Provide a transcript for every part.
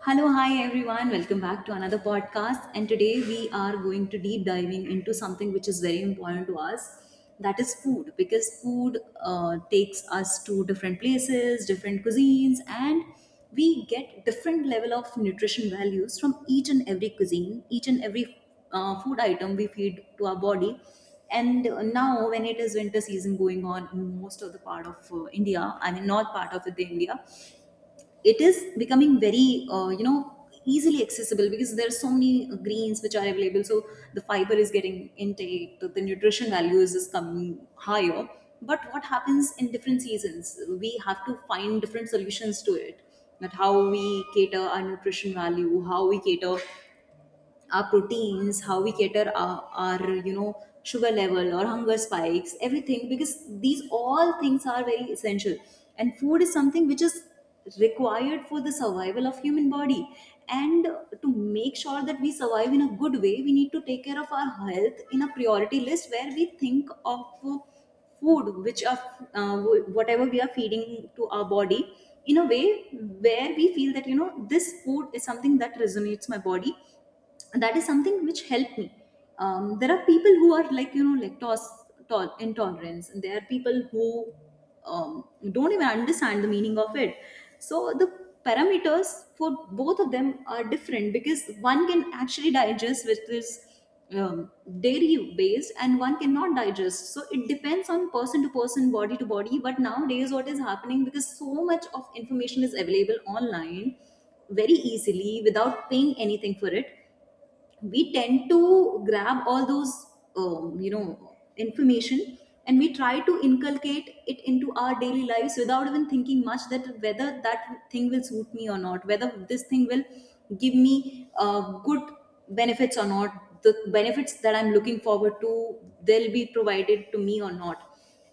Hello, hi everyone. Welcome back to another podcast. And today we are going to deep diving into something which is very important to us. That is food, because food takes us to different places, different cuisines, and we get different level of nutrition values from each and every cuisine, each and every food item we feed to our body. And now, when it is winter season going on in most of the part of India, I mean, north part of the India, it is becoming very easily accessible because there are so many greens which are available, so the fiber is getting intake, the nutrition values is coming higher. But what happens in different seasons, we have to find different solutions to it, that how we cater our nutrition value, how we cater our proteins, how we cater our sugar level or hunger spikes, everything, because these all things are very essential. And food is something which is required for the survival of human body, and to make sure that we survive in a good way, we need to take care of our health in a priority list where we think of food which are uh, whatever we are feeding to our body, in a way where we feel that you know this food is something that resonates my body, that is something which helped me. There are people who are like you know lactose intolerance, and there are people who don't even understand the meaning of it. So the parameters for both of them are different, because one can actually digest which is um, dairy based and one cannot digest. So it depends on person to person, body to body. But nowadays what is happening, because so much of information is available online very easily without paying anything for it, we tend to grab all those information, and we try to inculcate it into our daily lives without even thinking much that whether that thing will suit me or not, whether this thing will give me good benefits or not, the benefits that I'm looking forward to, they'll be provided to me or not.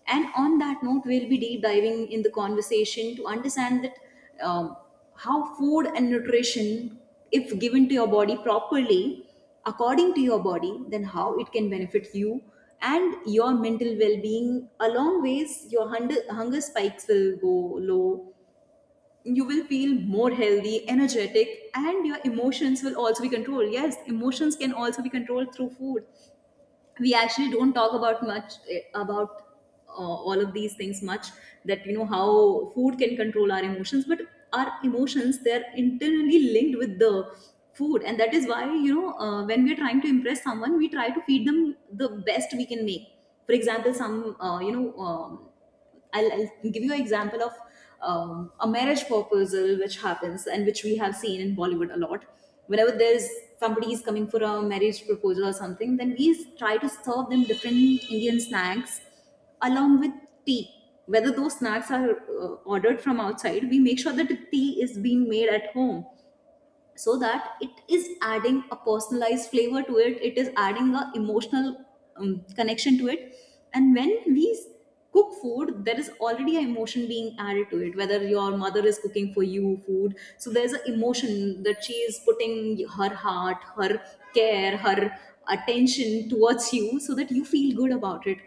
And on that note, we'll be deep diving in the conversation to understand that um, how food and nutrition, if given to your body properly, according to your body, then how it can benefit you and your mental well-being. Along ways, your hunger spikes will go low. You will feel more healthy, energetic, and your emotions will also be controlled. Yes, emotions can also be controlled through food. We actually don't talk about much about all of these things much, that you know how food can control our emotions. But our emotions, they're internally linked with the food, and that is why you know when we're trying to impress someone, we try to feed them the best we can make. For example, some I'll give you an example of a marriage proposal which happens and which we have seen in Bollywood a lot. Whenever there's somebody is coming for a marriage proposal or something, then we try to serve them different Indian snacks, along with tea. Whether those snacks are ordered from outside, we make sure that the tea is being made at home, so that it is adding a personalized flavor to it, it is adding a emotional connection to it. And when we cook food, there is already an emotion being added to it. Whether your mother is cooking for you food, so there's an emotion that she is putting her heart, her care, her attention towards you so that you feel good about it.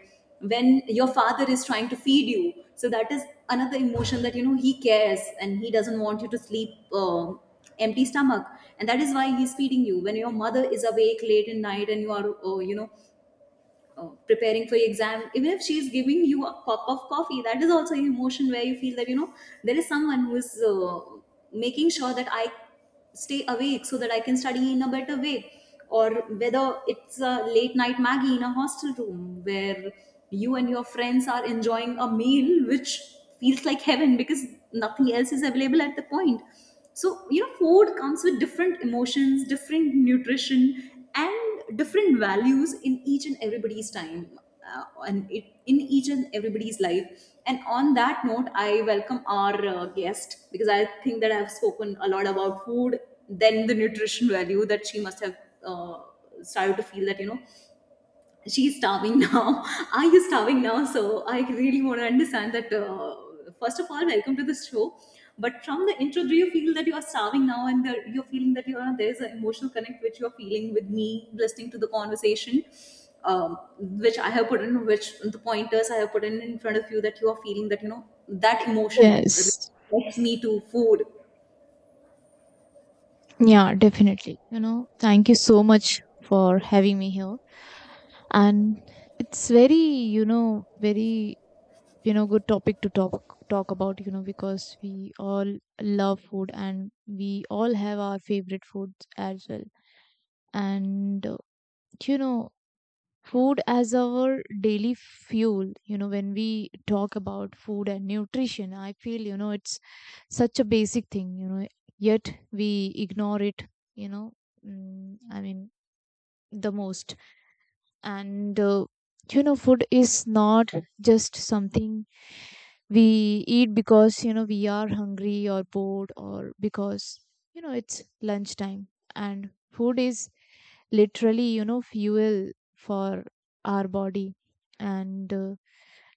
When your father is trying to feed you, so that is another emotion that you know he cares and he doesn't want you to sleep empty stomach, and that is why he's feeding you. When your mother is awake late in night and you are preparing for your exam, even if she's giving you a cup of coffee, that is also an emotion where you feel that you know there is someone who is making sure that I stay awake so that I can study in a better way. Or whether it's a late night maggie in a hostel room where you and your friends are enjoying a meal which feels like heaven because nothing else is available at the point. So you know, food comes with different emotions, different nutrition, and different values in each and everybody's time, and in each and everybody's life. And on that note, I welcome our guest, because I think that I've spoken a lot about food, then the nutrition value that she must have uh, started to feel that you know she's starving now. Are you starving now? So I really want to understand that. First of all, welcome to this show. But from the intro, do you feel that you are starving now, and that you're feeling that you are there's an emotional connect which you're feeling with me, listening to the conversation, which I have put in, which the pointers I have put in front of you, that you are feeling that you know that emotion Yes. relates me to food. Yeah, definitely. Thank you so much for having me here. And it's very, very, good topic to talk about, because we all love food and we all have our favorite foods as well. And you know, food as our daily fuel. When we talk about food and nutrition, I feel it's such a basic thing. Yet we ignore it, you know I mean, the most. And food is not just something we eat because we are hungry or bored or because it's lunchtime. And food is literally fuel for our body. And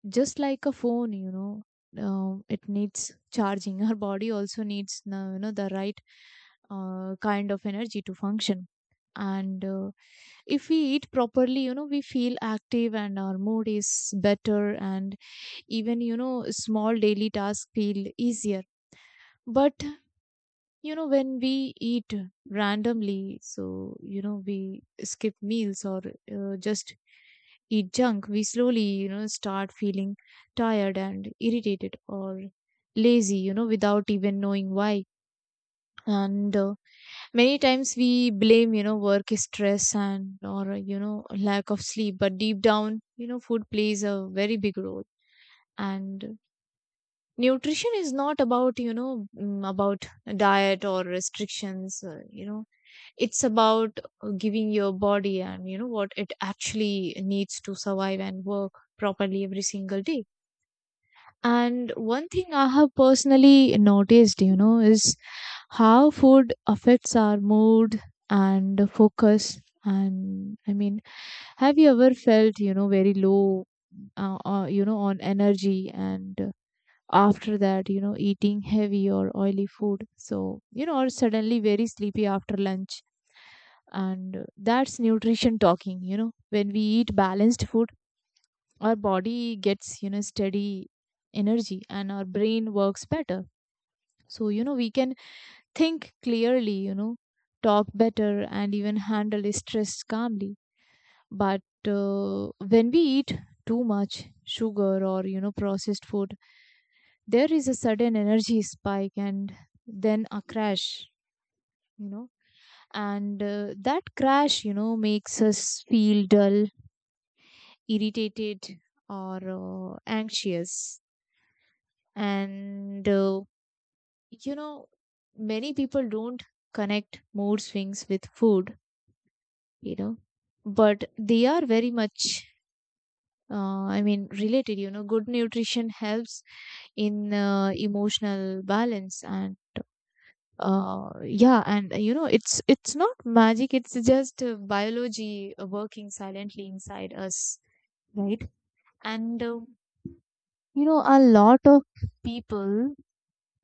just like a phone, it needs charging. Our body also needs the right kind of energy to function. And if we eat properly, we feel active and our mood is better, and even small daily tasks feel easier. But when we eat randomly, so we skip meals or just eat junk, we slowly start feeling tired and irritated or lazy, without even knowing why. And many times we blame work stress and or lack of sleep, but deep down, food plays a very big role. And nutrition is not about about diet or restrictions. It's about giving your body and what it actually needs to survive and work properly every single day. And one thing I have personally noticed, is how food affects our mood and focus. And I mean, have you ever felt, very low on energy, and after that, eating heavy or oily food, so or suddenly very sleepy after lunch? And that's nutrition talking. When we eat balanced food, our body gets steady energy and our brain works better. So we can think clearly, talk better and even handle stress calmly. But uh, when we eat too much sugar or processed food, there is a sudden energy spike and then a crash, you know and that crash, makes us feel dull, irritated, or anxious. And you know, many people don't connect mood swings with food, you know, but they are very much. I mean, related. Good nutrition helps in emotional balance. And uh, yeah. And it's not magic, it's just biology working silently inside us, right? And a lot of people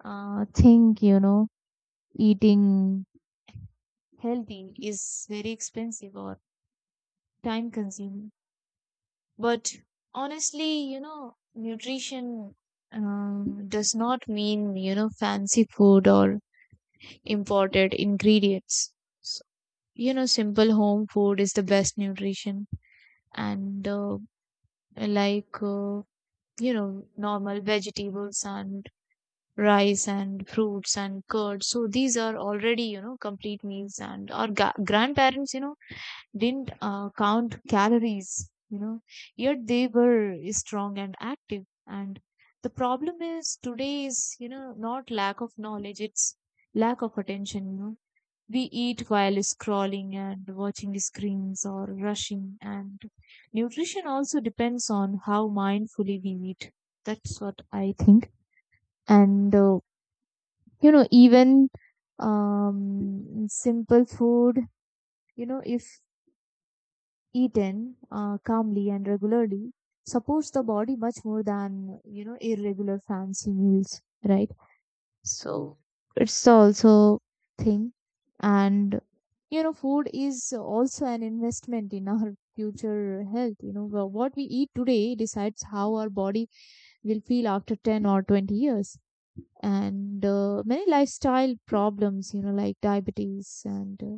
think, eating healthy is very expensive or time consuming. But honestly, nutrition does not mean fancy food or imported ingredients. So, simple home food is the best nutrition. And like normal vegetables and rice and fruits and curd, so these are already complete meals. And our grandparents, didn't count calories, yet they were strong and active. And the problem is today is, not lack of knowledge, it's lack of attention. We eat while scrolling and watching the screens or rushing, and nutrition also depends on how mindfully we eat. That's what I think. And even simple food, if eaten calmly and regularly, supports the body much more than irregular fancy meals, right? So it's also thing. And food is also an investment in our future health. What we eat today decides how our body will feel after 10 or 20 years. And many lifestyle problems, like diabetes and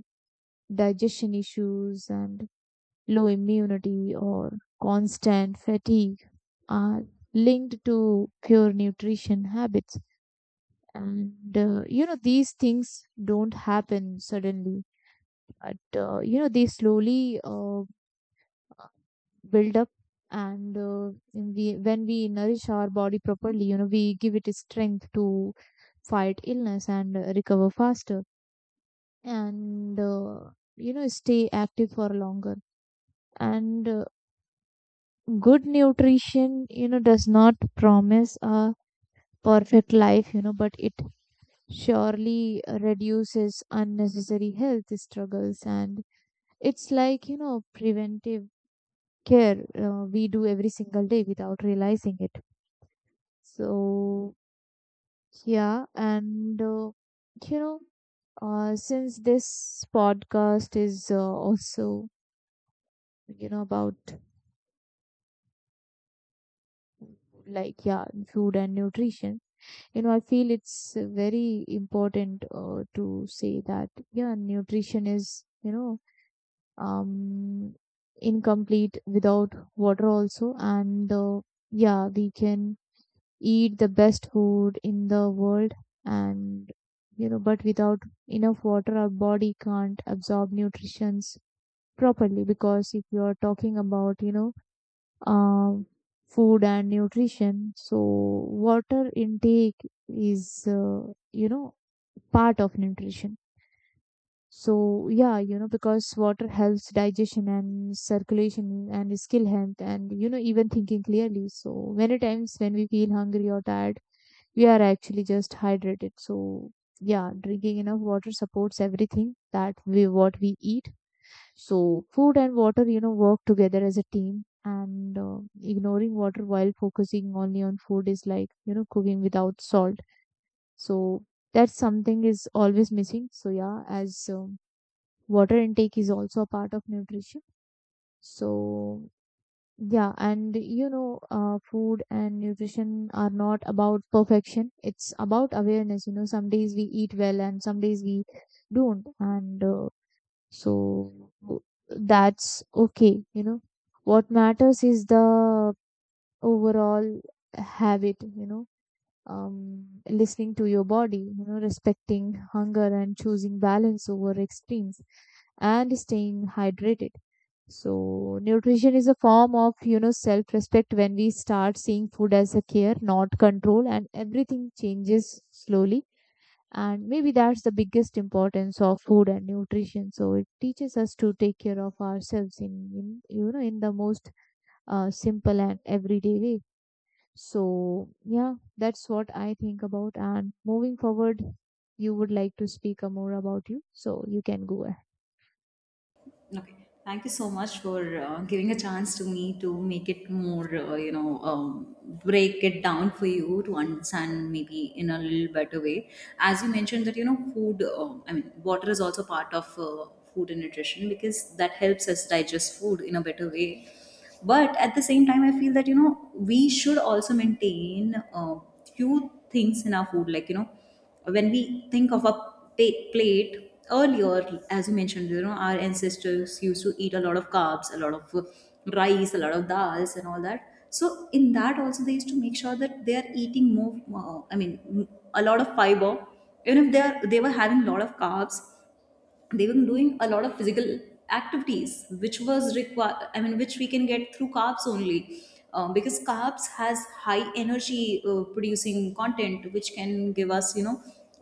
digestion issues and low immunity or constant fatigue are linked to poor nutrition habits. And, these things don't happen suddenly, but, they slowly build up. And when we nourish our body properly, we give it strength to fight illness and recover faster, and stay active for longer. And good nutrition, does not promise a perfect life, but it surely reduces unnecessary health struggles. And it's like, preventive care we do every single day without realizing it. So yeah. And you know since this podcast is also about like, yeah, food and nutrition, I feel it's very important to say that, yeah, nutrition is um incomplete without water also. And yeah, we can eat the best food in the world, and but without enough water, our body can't absorb nutrients properly. Because if you are talking about uh, food and nutrition, so water intake is part of nutrition. So yeah, because water helps digestion and circulation and skill health and even thinking clearly. So many times when we feel hungry or tired, we are actually just hydrated. So yeah, drinking enough water supports everything that we what we eat. So food and water, work together as a team. And ignoring water while focusing only on food is like, cooking without salt. So that's something is always missing. So yeah, as water intake is also a part of nutrition. So yeah, and food and nutrition are not about perfection. It's about awareness. Some days we eat well and some days we don't. And so that's okay, What matters is the overall habit, listening to your body, respecting hunger and choosing balance over extremes and staying hydrated. So, nutrition is a form of, self respect. When we start seeing food as a care, not control, and everything changes slowly. And maybe that's the biggest importance of food and nutrition. So it teaches us to take care of ourselves in in the most simple and everyday way. So yeah, that's what I think about. And moving forward, you would like to speak more about you, so you can go ahead. Okay. Thank you so much for giving a chance to me to make it more, break it down for you to understand maybe in a little better way. As you mentioned that, you know, I mean, water is also part of food and nutrition, because that helps us digest food in a better way. But at the same time, I feel that, you know, we should also maintain few things in our food, like, you know, when we think of a plate earlier, as you mentioned, you know, our ancestors used to eat a lot of carbs, a lot of rice, a lot of dals and all that. So in that also, they used to make sure that they are eating more uh, i mean m- a lot of fiber. Even if they were having a lot of carbs, they were doing a lot of physical activities which was required, I mean, which we can get through carbs only. Because carbs has high energy producing content which can give us you know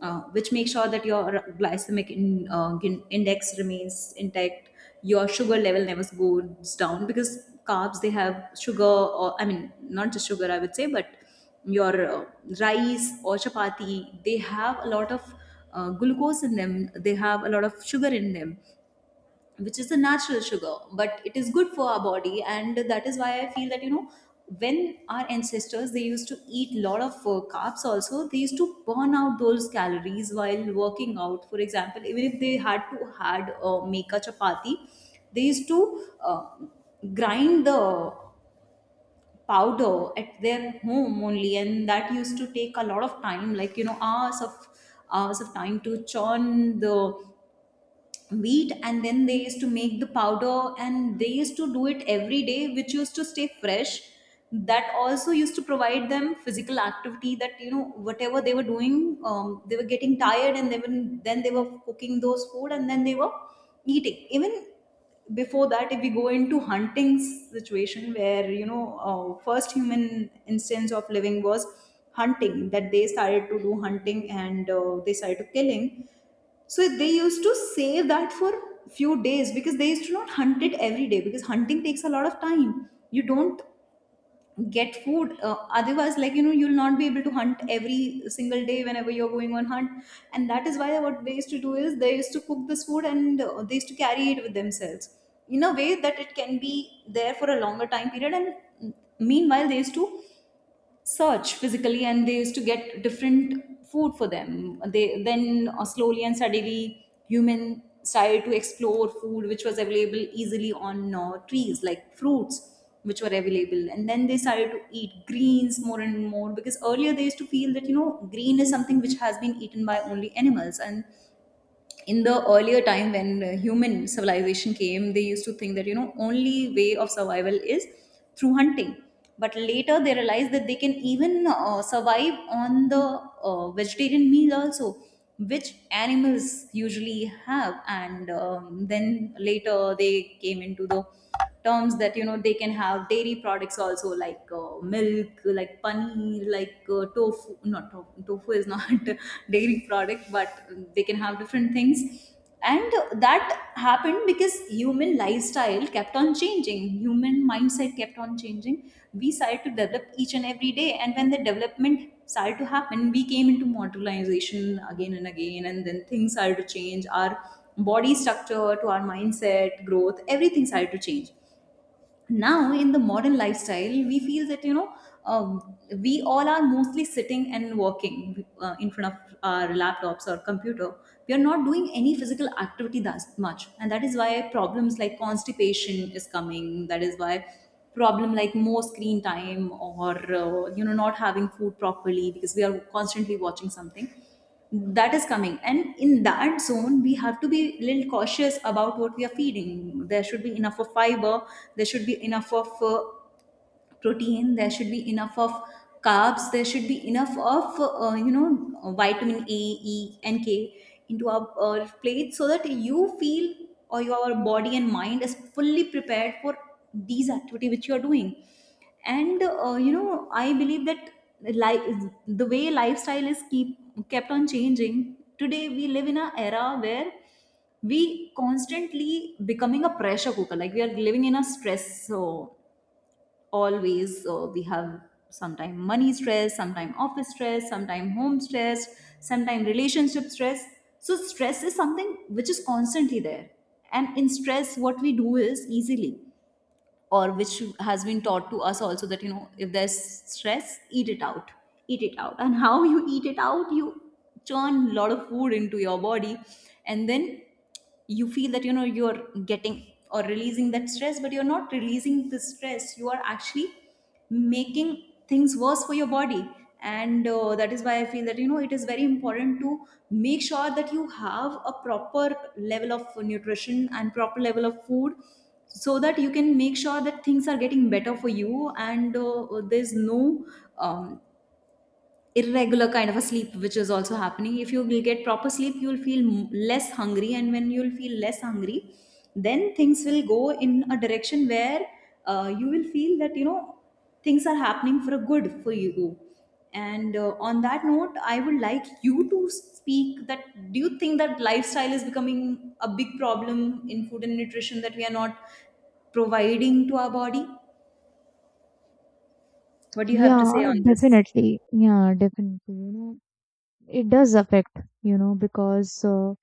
which make sure that your glycemic index remains intact, your sugar level never goes down, because carbs they have sugar, or I mean, not just sugar I would say, but your rice or chapati, they have a lot of glucose in them, they have a lot of sugar in them, which is a natural sugar, but it is good for our body. And that is why I feel that you know, when our ancestors, they used to eat lot of carbs also, they used to burn out those calories while working out. For example, even if they had to had make a chapati, they used to uh, grind the powder at their home only, and that used to take a lot of time, like you know, hours of time to churn the wheat, and then they used to make the powder, and they used to do it every day, which used to stay fresh. That also used to provide them physical activity, that you know whatever they were doing, they were getting tired, and then they were cooking those food, and then they were eating. Even before that, if we go into hunting situation, where you know first human instance of living was hunting, that they started to do hunting, and they started to killing. So they used to save that for few days, because they used to not hunt it every day, because hunting takes a lot of time. You don't get food otherwise, like you know, you'll not be able to hunt every single day whenever you're going on hunt. And that is why what they used to do is they used to cook this food, and they used to carry it with themselves in a way that it can be there for a longer time period. And meanwhile they used to search physically and they used to get different food for them. They then slowly and steadily, human started to explore food which was available easily on trees like fruits which were available. And then they started to eat greens more and more, because earlier they used to feel that, you know, green is something which has been eaten by only animals. And in the earlier time when human civilization came, they used to think that, you know, only way of survival is through hunting. But later they realized that they can even survive on the vegetarian meal also, which animals usually have. And then later they came into the terms that, you know, they can have dairy products also, like milk, like paneer, like tofu. Not tofu, tofu is not dairy product, but they can have different things. And that happened because human lifestyle kept on changing, human mindset kept on changing. We started to develop each and every day, and when the development started to happen, we came into modernization again and again, and then things started to change. Our body structure to our mindset growth, everything started to change. Now in the modern lifestyle we feel that, you know, we all are mostly sitting and working in front of our laptops or computer. We are not doing any physical activity that much, and that is why problems like constipation is coming. That is why problem like more screen time, or you know, not having food properly because we are constantly watching something, that is coming. And in that zone we have to be little cautious about what we are feeding. There should be enough of fiber, there should be enough of protein, there should be enough of carbs, there should be enough of you know, vitamin A, E and K into our plate, so that you feel, or your body and mind is fully prepared for these activity which you are doing. And you know, I believe that life, the way lifestyle is keep kept on changing, today we live in an era where we constantly becoming a pressure cooker, like we are living in a stress. So always we have sometime money stress, sometime office stress, sometime home stress, sometime relationship stress. So stress is something which is constantly there. And in stress what we do is easily, or which has been taught to us also, that you know, if there's stress, eat it out, eat it out. And how you eat it out? You churn a lot of food into your body, and then you feel that, you know, you're getting or releasing that stress, but you're not releasing the stress, you are actually making things worse for your body. And that is why I feel that, you know, it is very important to make sure that you have a proper level of nutrition and proper level of food, so that you can make sure that things are getting better for you. And there's no um, irregular kind of a sleep which is also happening. If you will get proper sleep, you will feel less hungry, and when you will feel less hungry, then things will go in a direction where you will feel that, you know, things are happening for a good for you. And on that note, I would like you to speak that do you think that lifestyle is becoming a big problem in food and nutrition that we are not providing to our body? What do you have to say Yeah, on this? definitely. Yeah, definitely. It does affect, because,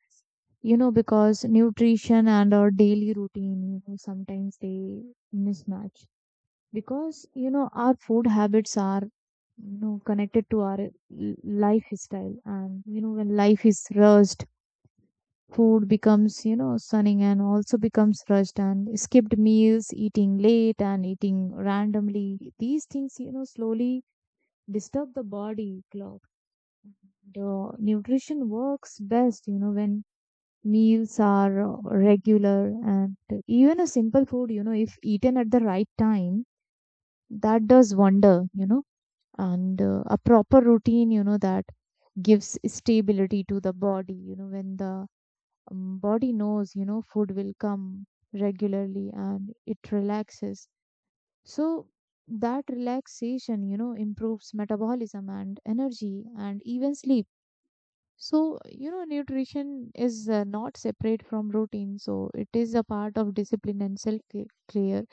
because nutrition and our daily routine, sometimes they mismatch. Because, our food habits are, connected to our lifestyle. And, when life is rushed, food becomes, stunning and also becomes rushed and skipped meals, eating late and eating randomly. These things, slowly disturb the body clock. The nutrition works best, when meals are regular. And even a simple food, if eaten at the right time, that does wonder, and a proper routine, that gives stability to the body, when the body knows, food will come regularly, and it relaxes. So, that relaxation, improves metabolism and energy and even sleep. So, nutrition is not separate from routine. So, it is a part of discipline and self care.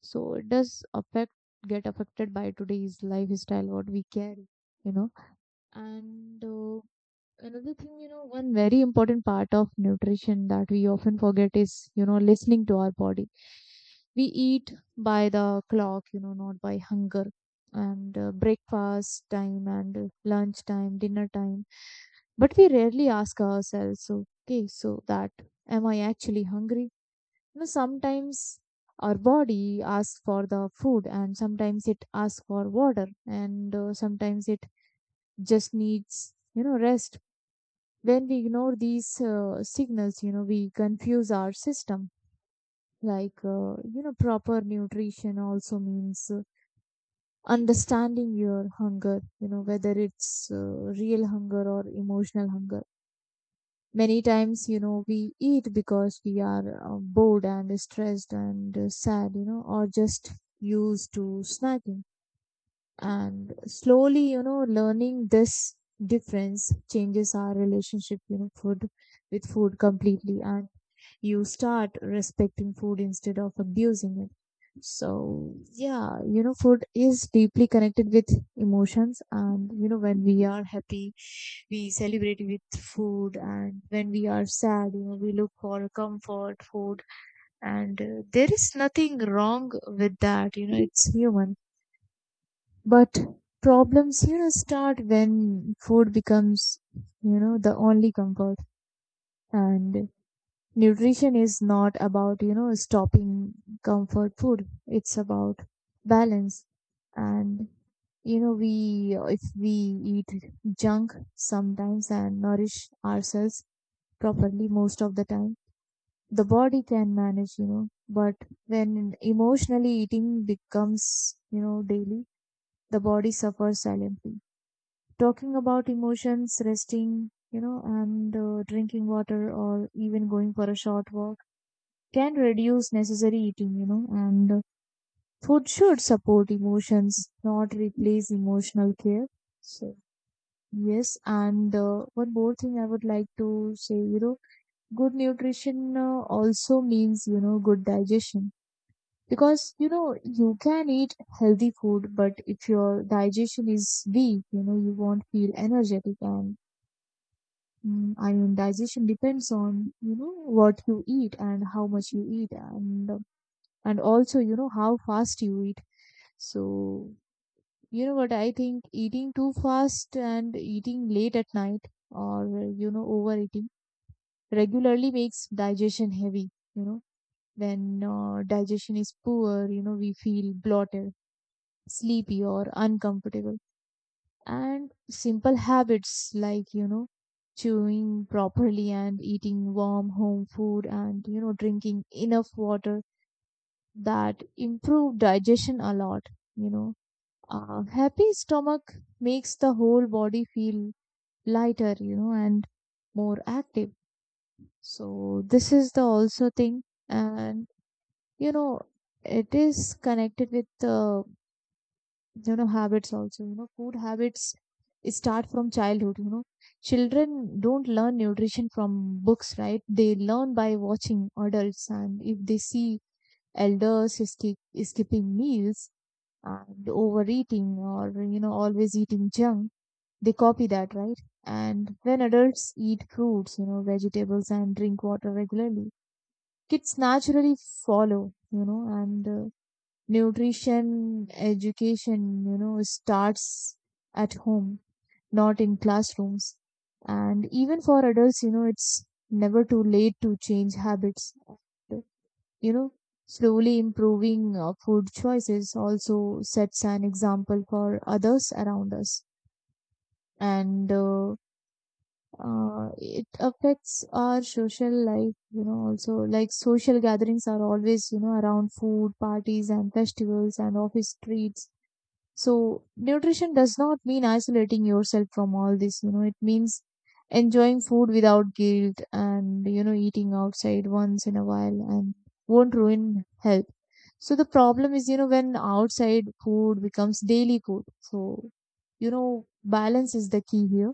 So, it does affect, get affected by today's lifestyle, what we carry, you know. And another thing, one very important part of nutrition that we often forget is, listening to our body. We eat by the clock, not by hunger. And breakfast time and lunch time, dinner time. But we rarely ask ourselves, okay, so that, am I actually hungry? Sometimes our body asks for the food and sometimes it asks for water, and sometimes it just needs, rest. When we ignore these signals, we confuse our system. Like, proper nutrition also means understanding your hunger, whether it's real hunger or emotional hunger. Many times, we eat because we are bored and stressed and sad, or just used to snacking. And slowly, learning this difference changes our relationship, you know, food with food completely. And you start respecting food instead of abusing it. So, yeah, food is deeply connected with emotions. And, when we are happy, we celebrate with food. And when we are sad, we look for comfort food. And there is nothing wrong with that. It's human. But problems, start when food becomes, the only comfort. And nutrition is not about stopping comfort food, it's about balance. And we, if we eat junk sometimes and nourish ourselves properly most of the time, the body can manage, but when emotionally eating becomes, daily, the body suffers silently. Talking about emotions, resting, and drinking water or even going for a short walk can reduce necessary eating, and food should support emotions, not replace emotional care. So, yes, and one more thing I would like to say, good nutrition also means, good digestion. Because, you can eat healthy food, but if your digestion is weak, you won't feel energetic. And I mean, digestion depends on, what you eat and how much you eat. And also how fast you eat. So what I think, eating too fast and eating late at night or overeating regularly makes digestion heavy. you know when digestion is poor, we feel bloated, sleepy or uncomfortable. And simple habits like, chewing properly and eating warm home food and drinking enough water, that improve digestion a lot, you know A happy stomach makes the whole body feel lighter, and more active. So this is the also thing, and you know, it is connected with habits also. Food habits start from childhood. Children don't learn nutrition from books, right? They learn by watching adults, and if they see elders skipping meals and overeating or always eating junk, they copy that, right? And when adults eat fruits, vegetables and drink water regularly, kids naturally follow, and nutrition education, starts at home, not in classrooms. And even for adults, it's never too late to change habits. And, You know, slowly improving food choices also sets an example for others around us. And it affects our social life, also, like social gatherings are always around food, parties and festivals and office treats. So nutrition does not mean isolating yourself from all this. It means enjoying food without guilt, and eating outside once in a while and won't ruin health. So the problem is, when outside food becomes daily food. So balance is the key here.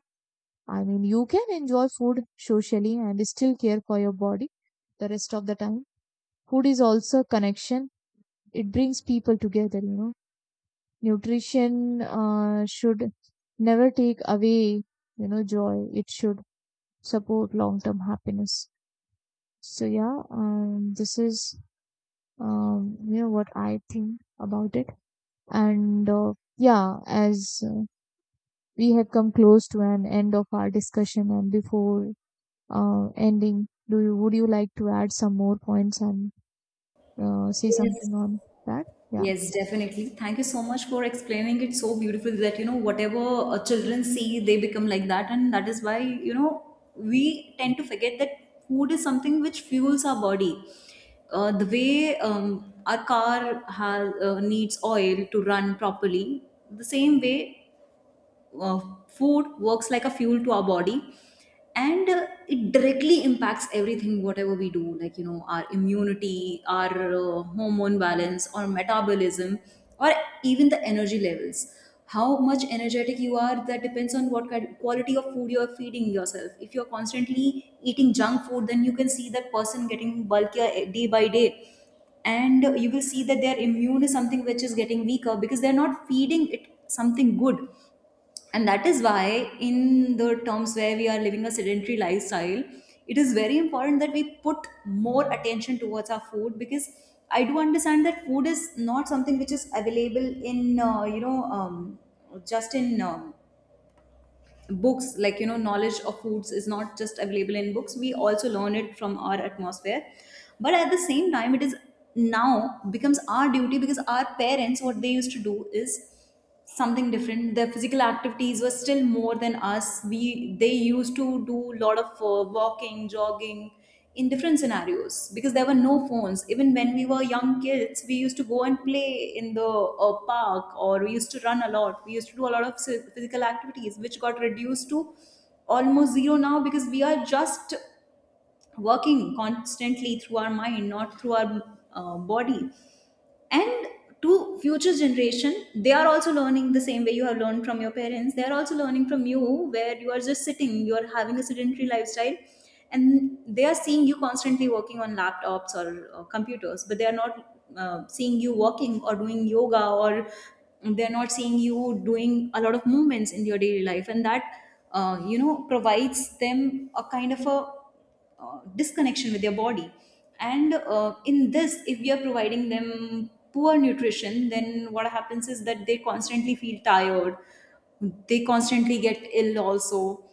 I mean, you can enjoy food socially and still care for your body the rest of the time. Food is also a connection. It brings people together, Nutrition should never take away, joy. It should support long-term happiness. So yeah, this is what I think about it. And yeah, as we have come close to an end of our discussion, and before ending, Do you would you like to add some more points and say Yes, something on that? Yeah. yes, definitely. Thank you so much for explaining it so beautifully that, you know, whatever children see, they become like that. And that is why, you know, we tend to forget that food is something which fuels our body. The way our car has, needs oil to run properly, the same way uh, food works like a fuel to our body. And it directly impacts everything whatever we do, like, you know, our immunity, our hormone balance, or metabolism, or even the energy levels. How much energetic you are, that depends on what kind quality of food you are feeding yourself. If you're constantly eating junk food, then you can see that person getting bulkier day by day. And you will see that their immune is something which is getting weaker, because they're not feeding it something good. And that is why, in the terms where we are living a sedentary lifestyle, it is very important that we put more attention towards our food. Because I do understand that food is not something which is available in you know, just in books. Like, you know, knowledge of foods is not just available in books, we also learn it from our atmosphere. But at the same time, it is now becomes our duty, because our parents, what they used to do is something different. Their physical activities were still more than us. We They used to do a lot of walking, jogging in different scenarios, because there were no phones. Even when we were young kids, we used to go and play in the park, or we used to run a lot, we used to do a lot of physical activities, which got reduced to almost zero now, because we are just working constantly through our mind, not through our body. And to future generation, they are also learning the same way you have learned from your parents. They are also learning from you, where you are just sitting, you are having a sedentary lifestyle, and they are seeing you constantly working on laptops or computers. But they are not seeing you walking or doing yoga, or they're not seeing you doing a lot of movements in your daily life. And that you know, provides them a kind of a disconnection with their body. And in this, if we are providing them poor nutrition, then what happens is that they constantly feel tired, they constantly get ill also.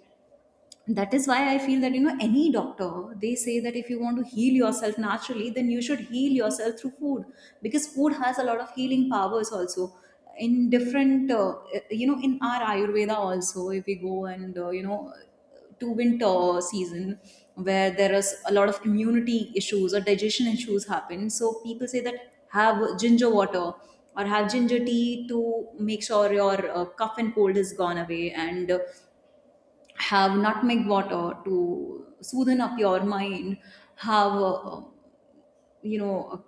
That is why I feel that, you know, any doctor, they say that if you want to heal yourself naturally, then you should heal yourself through food. Because food has a lot of healing powers also. In different you know, in our Ayurveda also, if we go and you know, to winter season, where there is a lot of immunity issues or digestion issues happen, so people say that have ginger water, or have ginger tea to make sure your cough and cold is gone away. And have nutmeg water to soothen up your mind. Have you know,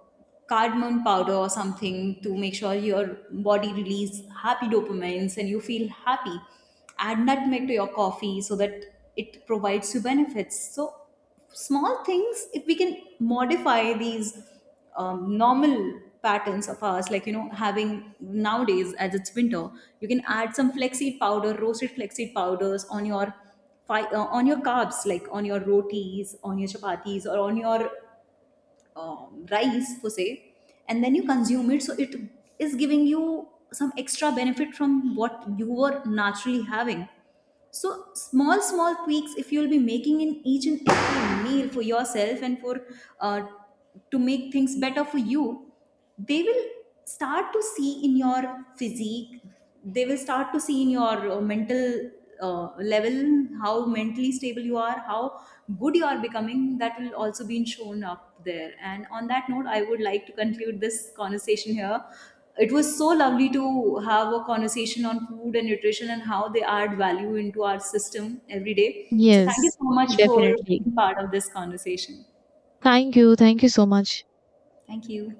cardamom powder or something to make sure your body release happy dopamines and you feel happy. Add nutmeg to your coffee so that it provides you benefits. So small things, if we can modify these normal patterns of ours, like, you know, having nowadays, as it's winter, you can add some flaxseed powder, roasted flaxseed powders on your on your carbs, like on your rotis, on your chapatis, or on your rice per se, and then you consume it. So it is giving you some extra benefit from what you were naturally having. So small, small tweaks, if you'll be making in each and every meal for yourself, and for uh, to make things better for you, they will start to see in your physique. They will start to see in your mental level, how mentally stable you are, how good you are becoming. That will also be shown up there. And on that note, I would like to conclude this conversation here. It was so lovely to have a conversation on food and nutrition and how they add value into our system every day. So, thank you Yes, so much for definitely. being part of this conversation. Thank you. Thank you so much. Thank you.